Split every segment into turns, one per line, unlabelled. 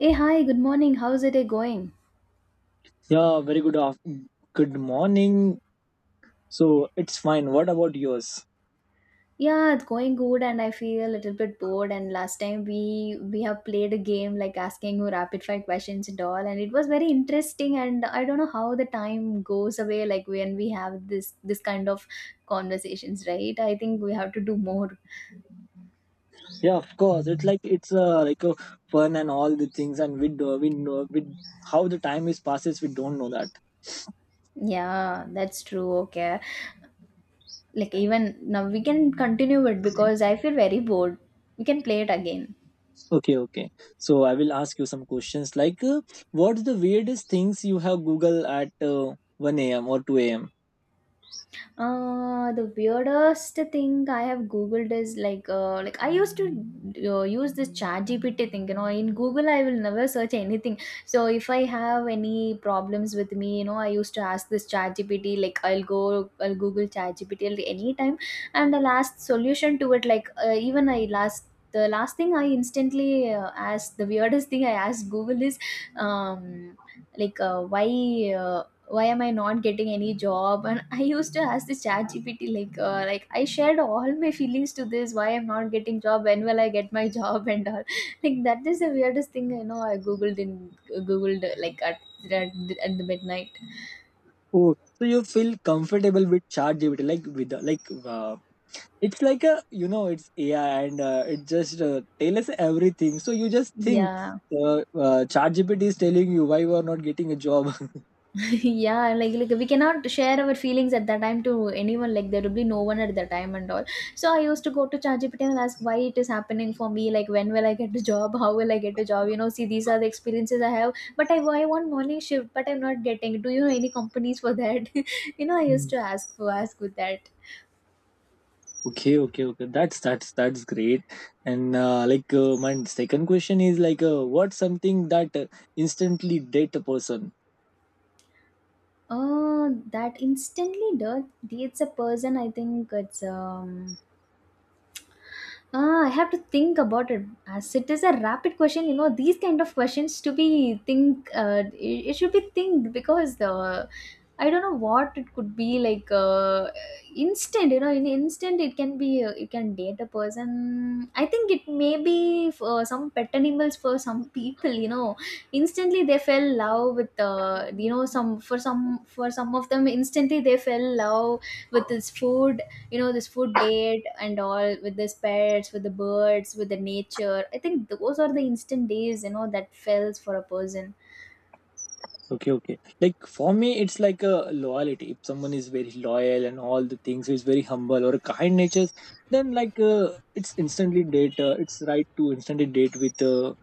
Hey, hi, good morning. How's the day going?
Yeah, very good off. Good morning. So it's fine. What about yours?
Yeah, it's going good and I feel a little bit bored and last time we have played a game like asking you rapid fire questions and all and it was very interesting and I don't know how the time goes away like when we have this kind of conversations, right? I think we have to do more.
Yeah, of course. It's like a fun and all the things, and we know with how the time is passes. We don't know that.
Yeah, that's true. Okay. Like even now we can continue it because I feel very bored. We can play it again.
Okay, okay. So I will ask you some questions. What's the weirdest things you have Google at one a.m. or two a.m.?
The weirdest thing I have googled is like I used to use this chat GPT thing, you know. In Google I will never search anything, so if I have any problems with me, you know, I used to ask this chat GPT. Like I'll go, I'll google chat GPT at any time and the last solution to it. Like even I last, the last thing I instantly asked, the weirdest thing I asked Google is um like uh, why am I not getting any job. And I used to ask the chat gpt, like I shared all my feelings to this, why I'm not getting job, when will I get my job and all, like that is the weirdest thing I know I googled in, googled like at, at the midnight.
Oh, so you feel comfortable with ChatGPT? Like like it's like a it's ai and it just tell us everything, so you just think
Yeah.
uh, chat is telling you why you are not getting a job.
Yeah, like we cannot share our feelings at that time to anyone. Like there will be no one at that time and all. So I used to go to ChatGPT and ask why it is happening for me. Like when will I get a job? How will I get a job? You know, see, these are the experiences I have. But I want morning shift, but I'm not getting. Do you know any companies for that? You know, I used
Hmm.
to ask for, ask with that.
Okay, okay, okay, that's great. And my second question is what's something that instantly date a person?
Oh, that instantly does, dates a person. I think it's ah, I have to think about it. As it is a rapid question, you know, these kind of questions to be think, it should be think because the, I don't know what it could be like instant. You know, in instant it can be you can date a person. I think it may be for some pet animals, for some people. You know, instantly they fell love with you know, some for some for some of them instantly they fell love with this food, you know, this food date and all, with the pets, with the birds, with the nature. I think those are the instant days, you know, that fells for a person.
Okay, okay. Like for me, it's like a loyalty. If someone is very loyal and all the things, is very humble or kind nature, then it's instantly date. It's right to instantly date with a,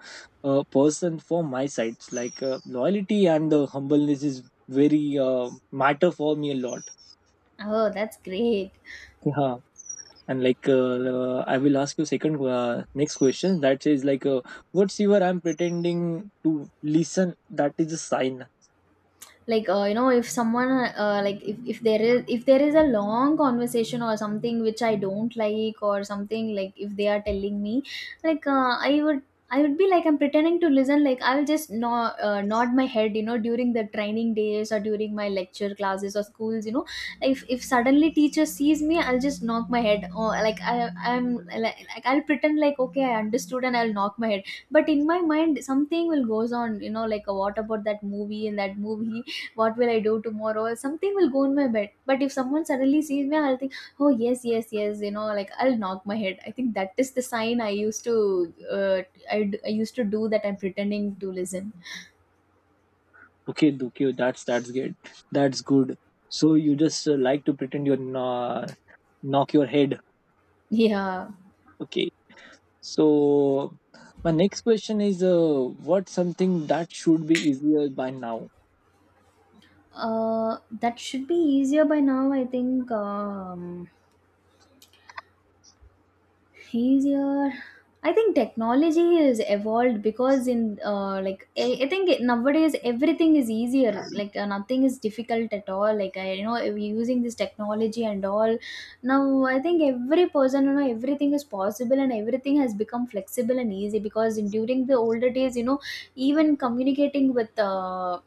a person for my side. Loyalty and the humbleness is very matter for me a lot.
Oh, that's great.
Yeah. And I will ask you second next question, that is what's your I'm pretending to listen, that is a sign.
Like you know, if someone like if there is a long conversation or something which I don't like or something, like if they are telling me, like I would be like I'm pretending to listen. Like I'll just nod, nod my head. You know, during the training days or during my lecture classes or schools, you know, if suddenly teacher sees me, I'll just knock my head. Or like I'm like, I'll pretend like okay I understood and I'll knock my head, but in my mind something will goes on, you know, like what about that movie and that movie, what will I do tomorrow? Something will go in my bed. But if someone suddenly sees me, I'll think, oh, yes, yes, yes, you know, like I'll knock my head. I think that is the sign I used to, I used to do that, I'm pretending to listen.
Okay, okay, that's good, that's good. So you just like to pretend you're knock your head.
Yeah.
Okay, so my next question is what something that should be easier by now?
That should be easier by now, I think. Easier, I think technology is evolved because in like, I think nowadays everything is easier, like nothing is difficult at all. Like, I, you know, we are using this technology and all now. I think every person, you know, everything is possible and everything has become flexible and easy because in, during the older days, you know, even communicating with uh,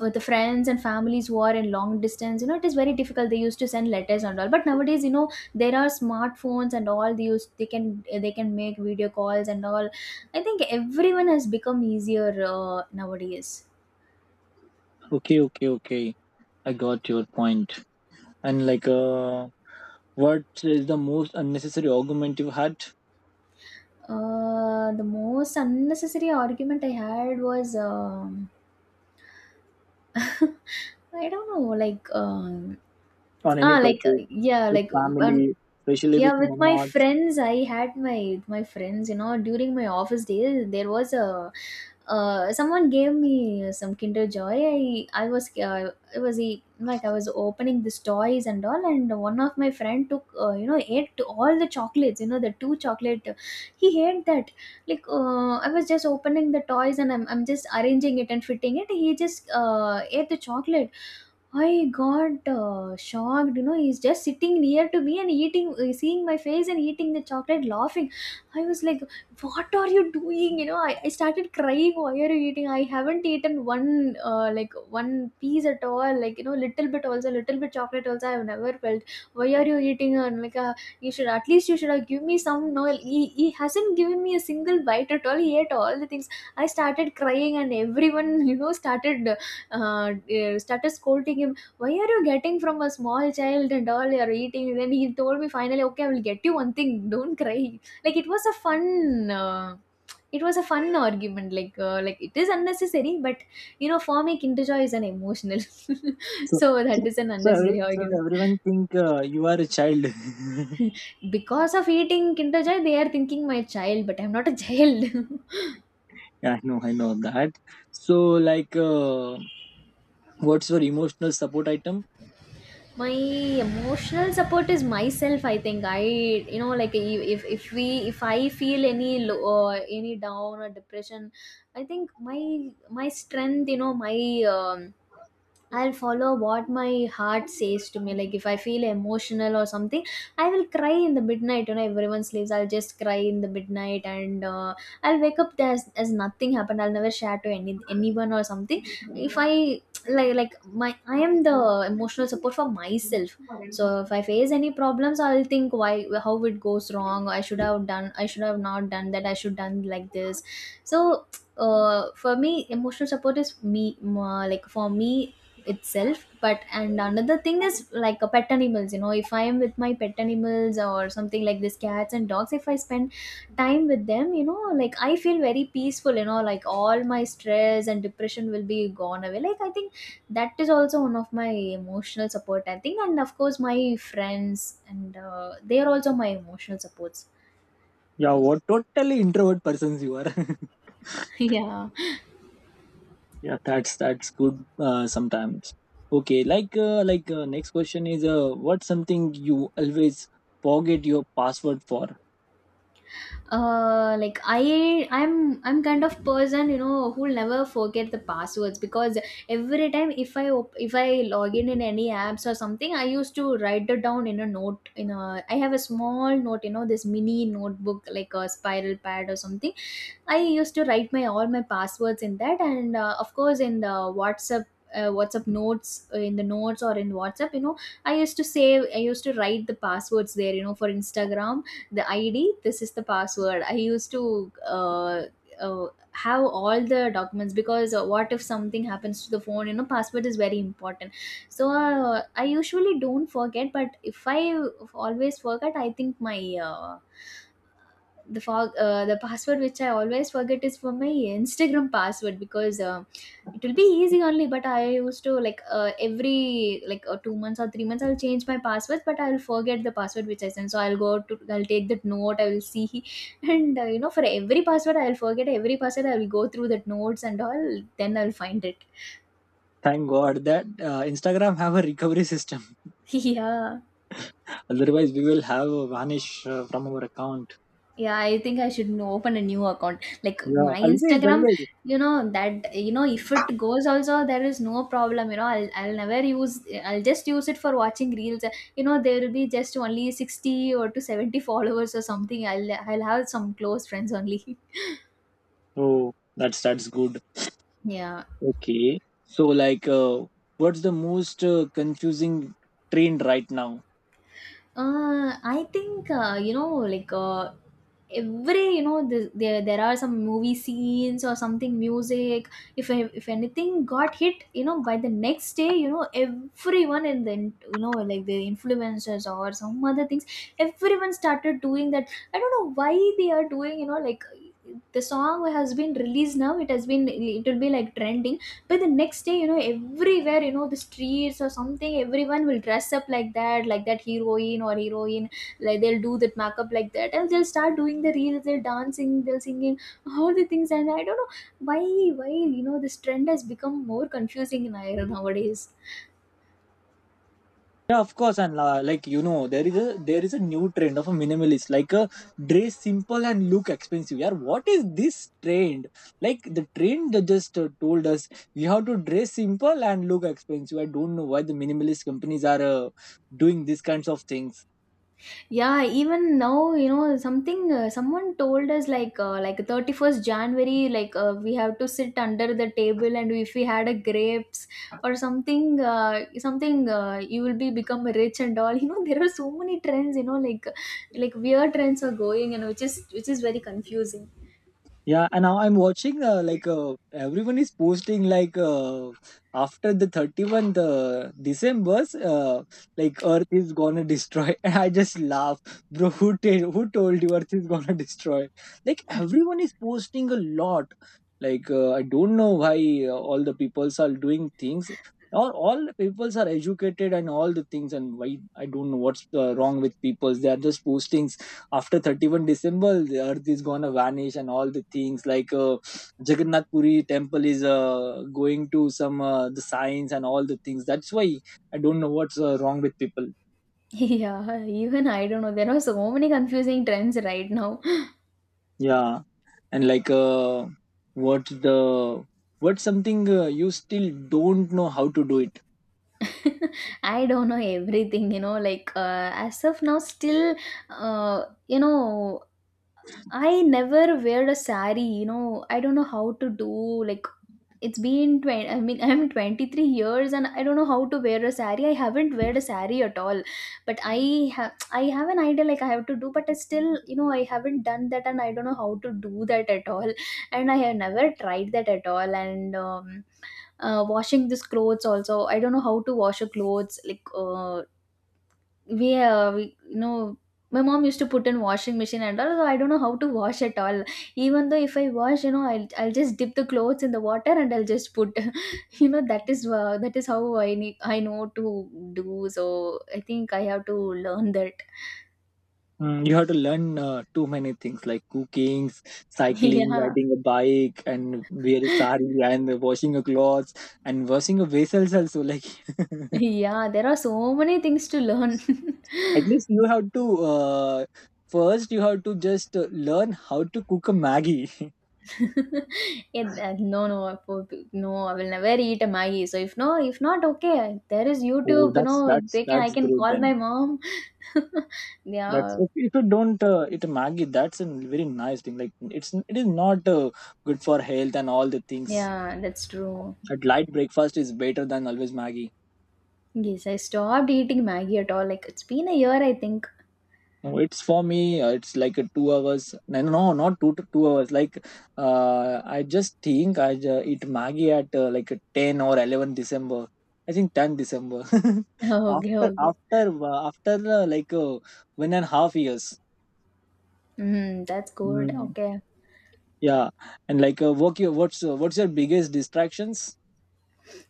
uh, the friends and families who are in long distance, you know, it is very difficult. They used to send letters and all, but nowadays, you know, there are smartphones and all, they use, they can, they can make video calls and all. I think everyone has become easier nowadays.
Okay, okay, okay, I got your point. And what is the most unnecessary argument you had
The most unnecessary argument I had was I don't know, like
on any
ah like uh,
topic
yeah
with
like
family,
um,
especially with
yeah, with my
mom?
friends I had, my with my friends, you know, during my office days there was a, someone gave me some kinder joy. I was like I was opening these toys and all, and one of my friend took, you know, ate all the chocolates, you know, the two chocolate, he ate that. Like I was just opening the toys and I'm just arranging it and fitting it, he just ate the chocolate. I got shocked. You know, he's just sitting near to me and eating, seeing my face and eating the chocolate, laughing. I was like, "What are you doing?" You know, I started crying. Why are you eating? I haven't eaten one like one piece at all. Like, you know, little bit also, little bit chocolate also, I have never felt. Why are you eating? And like, you should at least, you should have give me some. No, he hasn't given me a single bite at all. He ate all the things. I started crying and everyone you know started started scolding him, why are you getting from a small child and all you're eating? Then he told me finally, okay, I will get you one thing, don't cry. Like, it was a fun. It was a fun argument. Like like it is unnecessary but, you know, for me kinder joy is an emotional
So
so
so
that is an
so, every-
unnecessary
so
argument.
everyone think you are a child.
Because of eating kinder joy they are thinking my child, but I'm not a child.
Yeah, I know that. So, what's your emotional support item?
My emotional support is myself, I think. I, you know, like, if we, if I feel any low or any down or depression, I think my, my strength, you know, my um, I'll follow what my heart says to me. Like if I feel emotional or something, I will cry in the midnight. You know, everyone sleeps, I'll just cry in the midnight, and I'll wake up as nothing happened. I'll never share to anyone or something. If I like my I am the emotional support for myself. So if I face any problems, I'll think, why, how it goes wrong. I should have done, I should have not done that, I should done like this. So for me emotional support is like for me itself. But, and another thing is like a pet animals. You know, if I am with my pet animals or something like this, cats and dogs, if I spend time with them, you know, like I feel very peaceful. You know, like all my stress and depression will be gone away. Like I think that is also one of my emotional support, I think. And of course my friends, and they are also my emotional supports.
Yeah, what totally introvert persons you are.
Yeah.
Yeah, that's good. Sometimes. Okay, next question is, what's something you always forget your password for?
Like, I'm kind of person, you know, who'll never forget the passwords, because every time if if I log in any apps or something, I used to write it down in a note, in a, I have a small note, you know, this mini notebook, like a spiral pad or something. I used to write my all my passwords in that, and of course in the WhatsApp. WhatsApp notes in the notes or in WhatsApp, you know, I used to save, I used to write the passwords there, you know, for Instagram, the ID, this is the password. I used to have all the documents because what if something happens to the phone, you know, password is very important. So I usually don't forget, but if I always forget, I think my the password which I always forget is for my Instagram password, because it will be easy only. But I used to like every like 2 months or 3 months I'll change my passwords, but I'll forget the password which I sent. So I'll go to, I'll take that note, I will see and you know, for every password I'll forget, every password I will go through that notes and all, then I'll find it.
Thank God that Instagram have a recovery system.
Yeah.
Otherwise, we will have a vanish from our account.
Yeah, I think I should know, open a new account. Like
Yeah,
my
always,
Instagram,
always.
you know that, if it goes also there is no problem. I'll never use. I'll just use it for watching reels. There will be just only 60 or to 70 followers or something. I'll have some close friends only.
Oh, that's good.
Yeah.
Okay. So, what's the most confusing trend right now?
I think you know, like uh, every there are some movie scenes or something music. If anything got hit, you know, by the next day, you know, everyone in the, you know, like the influencers or some other things, everyone started doing that. I don't know why they are doing, you know, like the song has been released now. It has been, it will be like trending, but the next day, you know, everywhere, you know, the streets or something, everyone will dress up like that, like that heroine or heroine. Like they'll do that makeup like that and they'll start doing the reels, they'll dancing, they'll singing, all the things. And I don't know why why you know this trend has become more confusing in IRL nowadays.
Yeah, of course, and you know, there is a new trend of a minimalist, like a dress simple and look expensive. Yeah, what is this trend? Like the trend that just told us we have to dress simple and look expensive. I don't know why the minimalist companies are doing these kinds of things.
Yeah, even now, you know, something, someone told us 31st January, we have to sit under the table and if we had a grapes or something, you will be become rich and all. You know, there are so many trends, you know, weird trends are going and which is very confusing.
Yeah, and now I'm watching everyone is posting after the 31st December, like Earth is gonna destroy. And I just laugh, bro. Who told you Earth is gonna destroy? Like everyone is posting a lot. I don't know why all the peoples are doing things. All the peoples are educated and all the things, and why I don't know what's wrong with peoples. They are just posting after 31st December, the earth is gonna vanish and all the things, Jagannath Puri temple is going to some the signs and all the things. That's why I don't know what's wrong with people.
Yeah, even I don't know. There are so many confusing trends right now.
Yeah, and what the what something you still don't know how to do it.
I don't know everything, you know. Like, as of now, still, you know, I never wear a sari, you know. I don't know how to do, like, it's been 20. I mean, I'm 23 years and I don't know how to wear a sari. I haven't wear a sari at all. But I have, I have an idea. Like I have to do, but I still, you know, I haven't done that and I don't know how to do that at all. And I have never tried that at all. And washing these clothes also, I don't know how to wash a clothes. We you know, my mom used to put in washing machine and all. So I don't know how to wash at all. Even though if I wash, you know, I'll just dip the clothes in the water and I'll just put you know that is, that is how I need I know to do. So I think I have to learn that.
Mm, you have to learn too many things like cooking, cycling,
Yeah,
riding a bike, and wear a sari and washing your clothes and washing your vessels also, like.
yeah, there are so many things to learn.
At least you have to first you have to just learn how to cook a Maggie.
No, no, no, I will never eat a Maggie. So if no, if not, okay, there is
Oh,
YouTube, you
that's
know, they can, I
that's
can
great
call my
then.
mom.
That's
Yeah,
if you don't eat a Maggie, that's a very nice thing. Like it's it is not good for health and all the things.
yeah, that's true.
A light breakfast is better than always Maggie.
Yes, I stopped eating Maggie at all. Like, it's been a year, I think.
No, it's for me. It's like a 2 hours. No, no, no, not two hours. I just think eat Maggi at like a 10 or 11 December. I think 10 December.
Okay,
after
okay.
after uh, after uh, like uh, one and a half years.
Mm, that's good.
Mm,
Okay.
yeah, and what's your biggest distractions?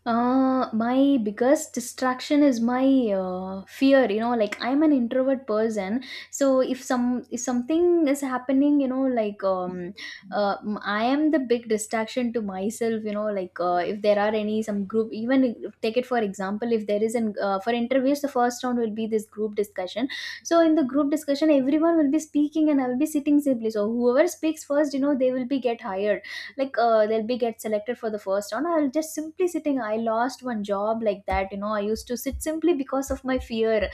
My biggest distraction is my fear. You know, like I'm an introvert person, so if some, if something is happening, you know, like, I am the big distraction to myself. You know, like, if there are any some group, even if- take it for example, if there is an for interviews, the first round will be this group discussion. So in the group discussion, everyone will be speaking, and I will be sitting simply. So whoever speaks first, you know, they will be get hired, they'll be get selected for the first round. I'll just simply sitting. I lost one job like that, you know. I used to sit simply because of my fear.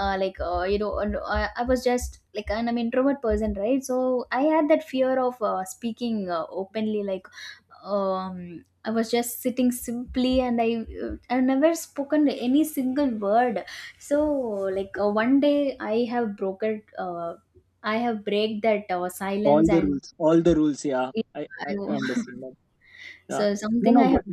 You know, and I was just like, and I'm introvert person, right? So I had that fear of speaking openly. Like, I was just sitting simply and I, I never spoken any single word. So, one day I have broken, I have break that
All
silence
the
and
rules. All the rules. Yeah,
it,
I
I,
understand. Yeah.
so
No,
something
no,
I have.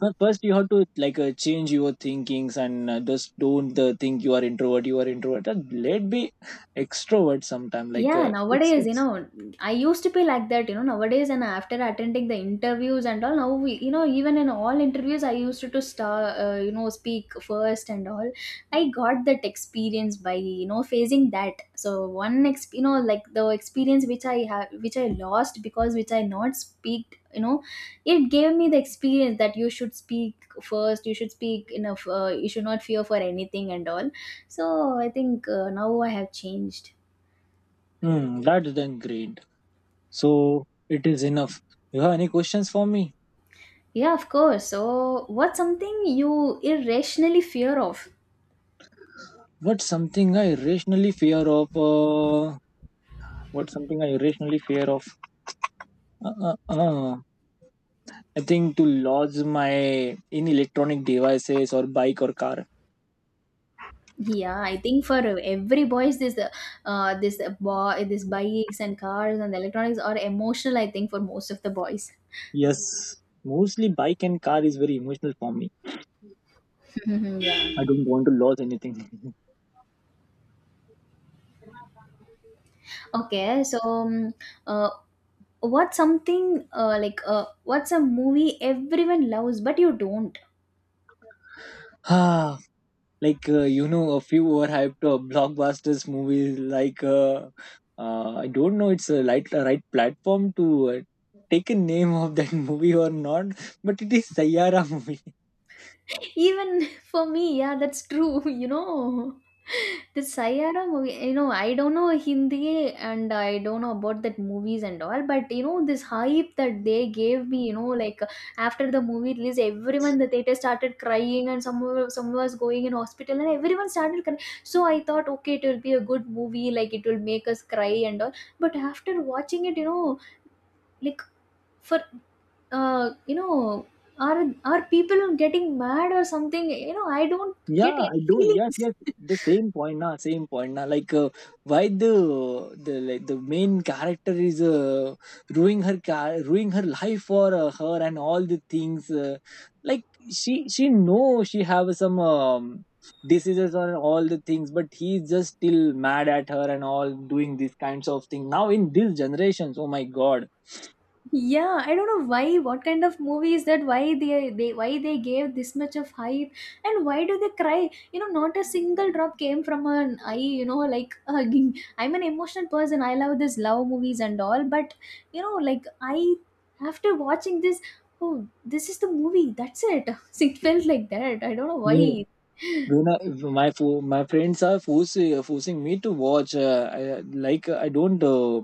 but first you have to change your thinkings and just don't think you are introvert. You are introvert. Just let be extrovert sometime.
Yeah, nowadays, you know, I used to be like that, you know, nowadays, and after attending the interviews and all, now, we, you know, even in all interviews, I used to start, you know, speak first and all. I got that experience by, you know, facing that. So one, ex- you know, like the experience which I have, which I lost because which I not speak, you know, it gave me the experience that you should speak first, you should speak enough, you should not fear for anything and all. So I think, now I have changed.
That's then great. So it is enough. You have any questions for me?
Yeah, of course. So, what's something you irrationally fear of?
What's something I irrationally fear of? What's something I irrationally fear of? Uh, uh, uh. I think to lose my in electronic devices or bike or car.
Yeah, I think for every boy is this, boy, this bikes and cars and electronics are emotional. I think for most of the boys.
Yes, mostly bike and car is very emotional for me.
Mhm,
I
yeah.
don't want to lose anything.
Okay, so, uh, what's something, what's a movie everyone loves but you don't?
Ah, you know, a few overhyped blockbusters movies. I don't know, it's a right platform to take a name of that movie or not, but it is Sayara movie.
Even for me, yeah, that's true. You know. The Saiyaara movie, you know, I don't know Hindi and I don't know about that movies and all, but you know, this hype that they gave me, you know, like after the movie release, everyone in the theater started crying and some were- some was going in hospital and everyone started crying. So I thought, okay, it will be a good movie, like it will make us cry and all. But after watching it, you know, like, for, you know, are people getting mad or something? You know, I don't
Yeah,
get
I
any
do. Yes,
feelings.
yes. The same point now. Same point now. Why the the main character is ruining her car, ruining her life for her and all the things. Like she know she have some diseases or all the things, but he's just still mad at her and all doing these kinds of things. Now in this generations, oh my god.
Yeah, I don't know why. What kind of movie is that? Why they gave this much of hype, and why do they cry? You know, not a single drop came from an eye. You know, like hugging. I'm an emotional person. I love this love movies and all, but you know, like I after watching this, oh, this is the movie. That's it. It felt like that. I don't know why.
You know, if my friends are forcing me to watch. Like I don't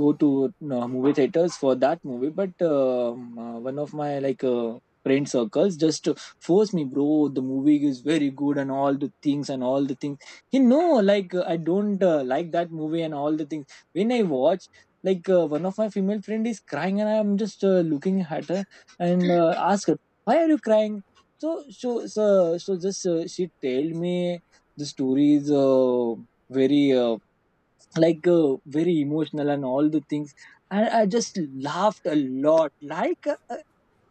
go to movie theaters for that movie, but one of my friend circles just forced me, bro. The movie is very good and all the things. You know, I don't like that movie and all the things. When I watch, one of my female friend is crying and I'm just looking at her, and ask her, "Why are you crying?" So just she tell me the story is very uh, very emotional and all the things, and I just laughed a lot.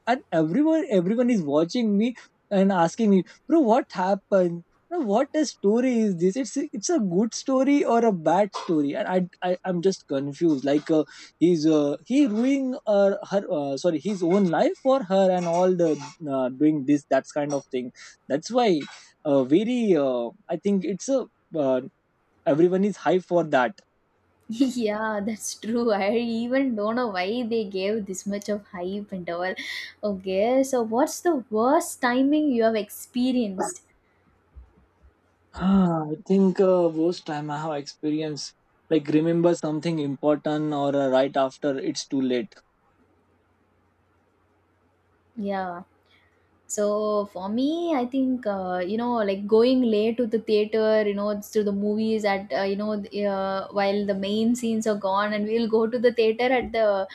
And everyone is watching me and asking me, bro, what happened? Bro, what a story is this? It's a good story or a bad story? And I I'm just confused. He ruining her sorry his own life for her and all the doing this that kind of thing. That's why very I think it's a uh, everyone is high for that.
Yeah, that's true. I even don't know why they gave this much of hype and all. Okay, so what's the worst timing you have experienced?
Ah, I think worst time I have experienced, like remember something important or right after it's too late.
Yeah. So for me, I think, you know, like going late to the theater, you know, to the movies at, you know, the, while the main scenes are gone, and we'll go to the theater at the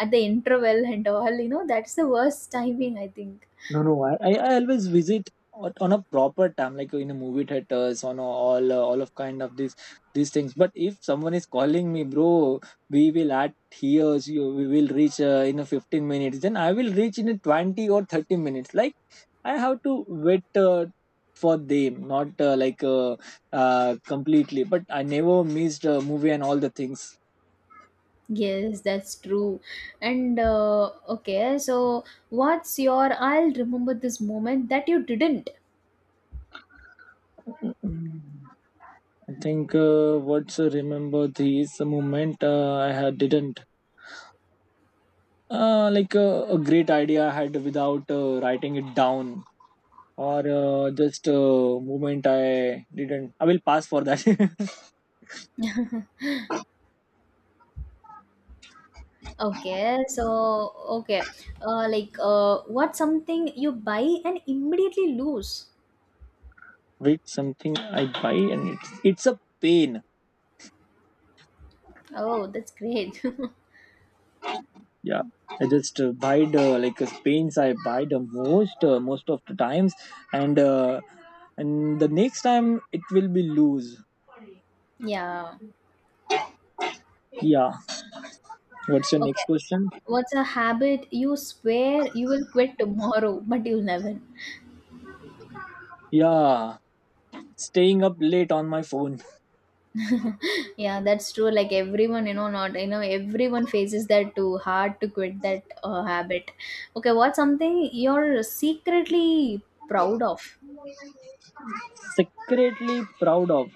interval and all. You know, that's the worst timing, I think.
No, no, I always visit on a proper time, like in a movie theaters, on a, all of kind of these things. But if someone is calling me, bro, we will at here, so you, we will reach in a 15 minutes. Then I will reach in a 20 or 30 minutes. Like I have to wait for them, not completely. But I never missed a movie and all the things.
Yes, that's true. And okay, so what's your I'll remember this moment that you didn't.
Mm, I think what's remember this moment I had didn't a great idea I had without writing it down or just moment I didn't. I will pass for that.
Okay, so okay, what's something you buy and immediately lose?
Wait, something I buy and it's a pain.
Oh, that's great.
Yeah, I just buy the paints I buy the most most of the times, and and the next time it will be loose.
Yeah.
Yeah. What's your next
Okay,
question?
what's a habit you swear you will quit tomorrow, but you'll never?
Yeah, staying up late on my phone.
Yeah, that's true. Like everyone, you know, not you know, everyone faces that. Too hard to quit that habit. Okay, what's something you're secretly proud of?
Secretly proud of.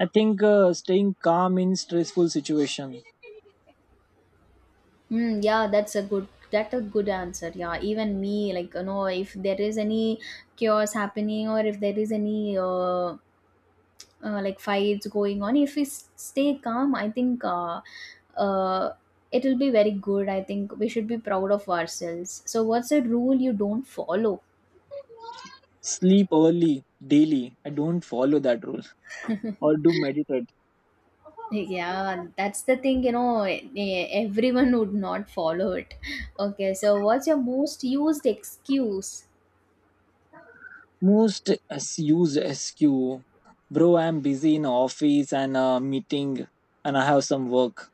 I think staying calm in stressful situation.
Mm, yeah, that's a good, that's a good answer. Yeah, even me, like, you know, if there is any chaos happening or if there is any, like fights going on, if we s- stay calm, I think, uh, it will be very good. I think we should be proud of ourselves. So what's a rule you don't follow?
Sleep early daily. I don't follow that rule, or do meditate.
Yeah, that's the thing, you know, everyone would not follow it. Okay, so what's your most used excuse?
Use SQ. Bro, I'm busy in office and meeting, and I have some work.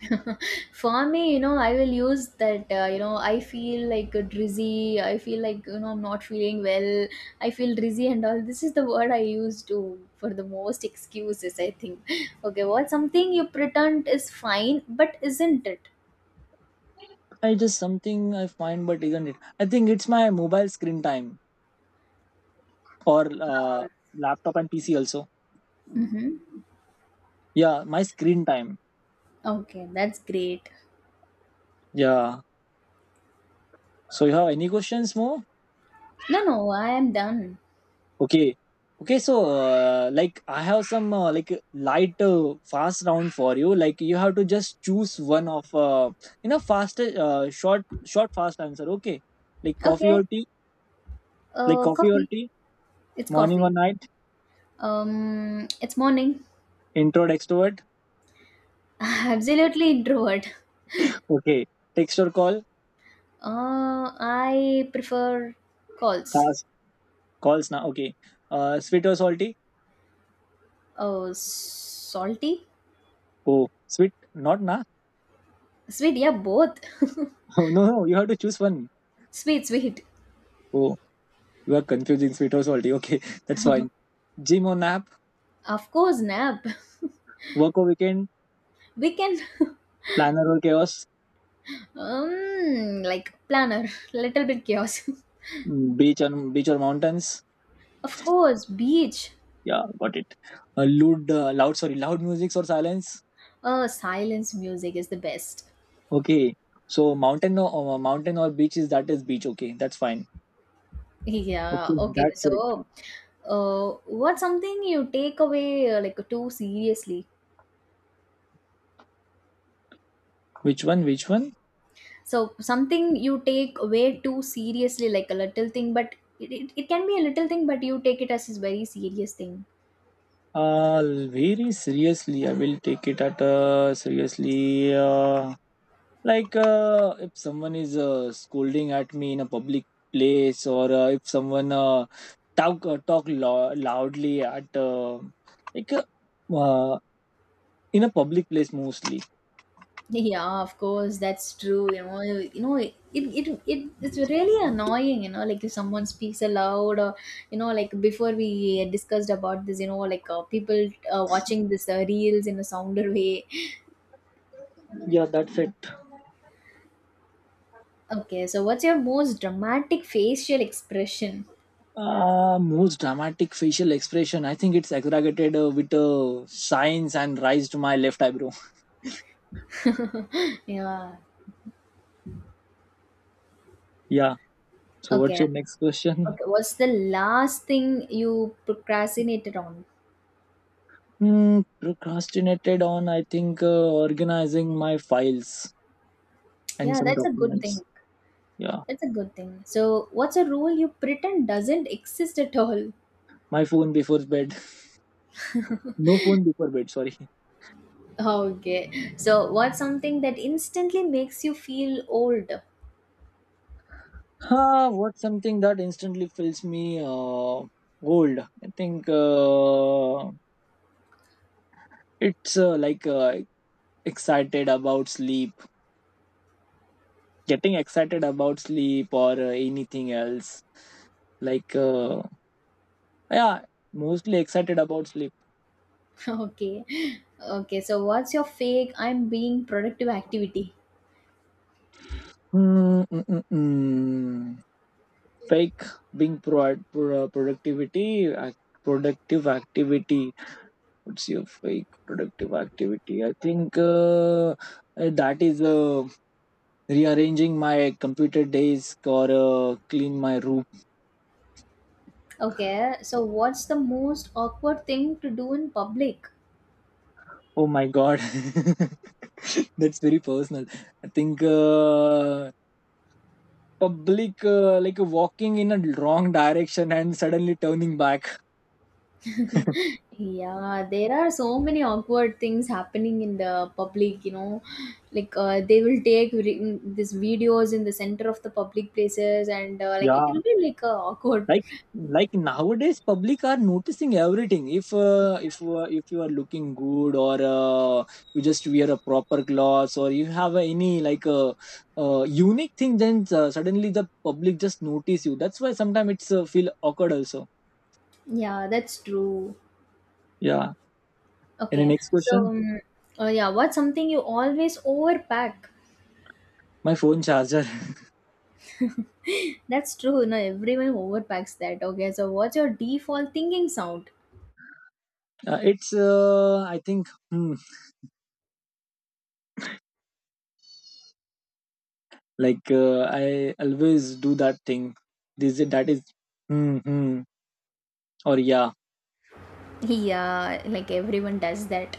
For me, you know, I will use that, you know, I feel like drizzy. I feel like, you know, I'm not feeling well, I feel drizzy and all. This is the word I use to for the most excuses, I think. Okay, what's something you pretend is fine but isn't it?
I just something I find, but isn't it? I think it's my mobile screen time or
Uh,
laptop and PC also.
Mm-hmm.
Yeah, my screen time.
Okay, that's great.
Yeah. So you have any questions more?
No, no, I am done.
Okay. Okay. So I have some light fast round for you. Like you have to just choose one of you know, fast short fast answer. Okay, like coffee or
Okay,
tea. Like coffee or
coffee.
tea,
It's
morning or
coffee.
night,
It's morning.
introvert, extrovert.
Absolutely introvert.
Okay. Text or call,
I prefer calls.
fast. Calls na. Okay. Sweet or salty?
Oh, salty,
Oh, sweet. Not na.
sweet. Yeah, both.
Oh, no, no. You have to choose one.
Sweet, sweet.
Oh, you are confusing sweet or salty. Okay, that's fine. Gym or nap,
Of course, nap.
work or weekend,
We can,
planner or chaos,
like planner. Little bit chaos.
mm, beach or mountains.
Of course, beach.
Yeah, got it. Loud, loud. Sorry, loud music or silence.
Silence music is the best.
Okay. So mountain or beach, is that is beach. Okay, that's fine.
Yeah.
Okay,
Okay.
that's it.
So, what's something you take away, like too seriously?
Which one? Which one?
So something you take way too seriously, like a little thing, but it can be a little thing but you take it as a very serious thing.
Uh, Very seriously, I will take it at seriously. If someone is scolding at me in a public place, or if someone talk loudly at like uh, uh, in a public place mostly.
Yeah, of course, that's true. You know, you know, it's really annoying, you know, like if someone speaks aloud or, you know, like before we discussed about this, you know, like, people watching this reels in a sounder way.
Yeah, that's it.
Okay, so what's your most dramatic facial expression?
Most dramatic facial expression. I think it's exaggerated with signs and raised my left eyebrow.
Yeah.
Yeah. So what's your
Okay.
next question?
Okay, what's the last thing you procrastinated on?
Hmm. Procrastinated on, I think, organizing my files and
Yeah,
some
that's a good
documents.
thing.
Yeah,
That's a good thing. So, what's a rule you pretend doesn't exist at all?
my phone before bed. No phone before bed, sorry.
Okay. So, what's something that instantly makes you feel old?
Huh, what's something that instantly fills me old? I think it's like excited about sleep, getting excited about sleep or anything else. Like, uh, yeah, mostly excited about sleep.
Okay. Okay. So, what's your fake I'm being productive activity?
Mm-mm-mm. Fake being pro- pro- Productivity ac- productive activity, what's your fake productive activity? I think that is rearranging my computer desk or clean my room.
Okay. So, what's the most awkward thing to do in public?
Oh my god. That's very personal. I think public, like walking in a wrong direction and suddenly turning back.
Yeah, there are so many awkward things happening in the public, you know. Like, they will take these videos in the center of the public places and, like it
Yeah,
will be like, awkward.
like nowadays public are noticing everything. If if you are looking good, or you just wear a proper clothes, or you have any like a unique thing, then suddenly the public just notice you. That's why sometimes it's feel awkward also.
Yeah, that's true.
Yeah. Any
Okay.
next
So,
question?
yeah, what's something you always overpack?
My phone charger.
That's true. No, everyone overpacks that. Okay. So, what's your default thinking sound?
It's I think hmm, I always do that thing, this, that is hmm, hmm, or yeah.
Yeah, like everyone does that.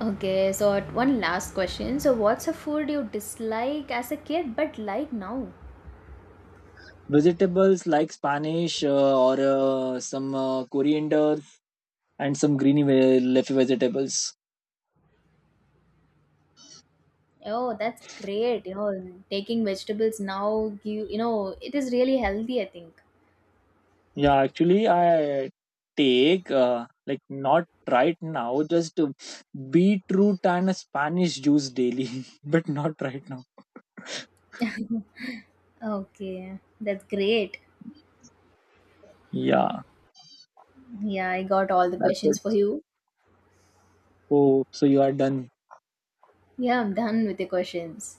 Okay, so one last question. So, what's a food you dislike as a kid but like now?
Vegetables like Spanish, or some coriander, and some greeny leafy vegetables.
Oh, that's great. You know, taking vegetables now, you know, it is really healthy, I think.
Yeah, actually, I take not right now, just beetroot and a Spanish juice daily, but not right now.
Okay, that's great.
Yeah,
Yeah, I got all the
that's
questions
it.
for you.
Oh, so you are done.
Yeah, I'm done with the questions.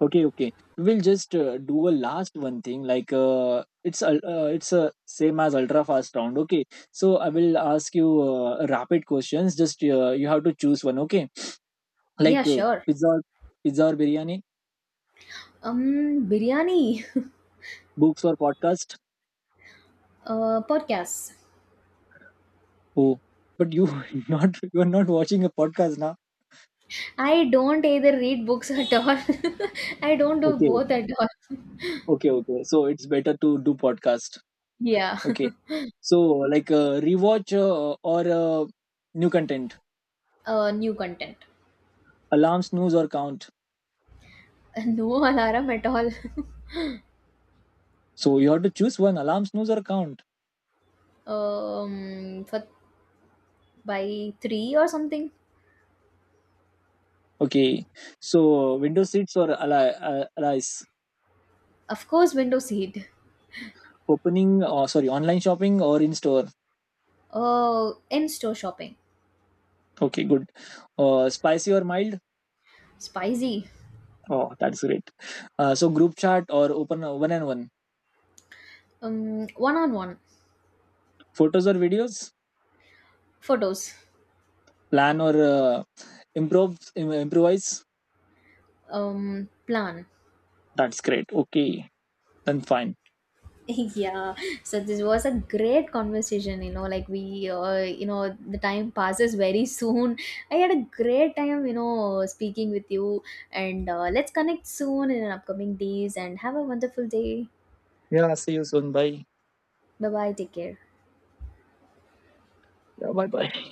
Okay, okay. We'll just do a last one thing. It's a same as ultra fast round. Okay, so I will ask you rapid questions. Just you have to choose one. Okay,
Yeah,
like
sure.
pizza or biryani,
Biryani.
books or podcast.
Podcasts.
Oh, but you not you are not watching a podcast now.
I don't either read books at all. I don't do
Okay,
both at all.
okay, okay. So it's better to do podcast.
Yeah,
Okay, so rewatch or new content,
new content.
alarm snooze or count.
No alarm at all.
So you have to choose one, alarm snooze or count.
For by three or something.
Okay, so window seats or allies?
Of course, window seat.
Opening or sorry, online shopping or in store?
In store shopping.
Okay, good. Spicy or mild?
Spicy.
Oh, that's great. So group chat or open one and one?
One on one
Photos or videos?
photos.
Plan or improvise?
Plan.
That's great. Okay, then fine.
Yeah, so this was a great conversation, you know, like we, you know, the time passes very soon. I had a great time, you know, speaking with you. And, let's connect soon in upcoming days and have a wonderful day.
Yeah, see you soon. Bye.
Bye bye, take care.
Yeah, bye bye.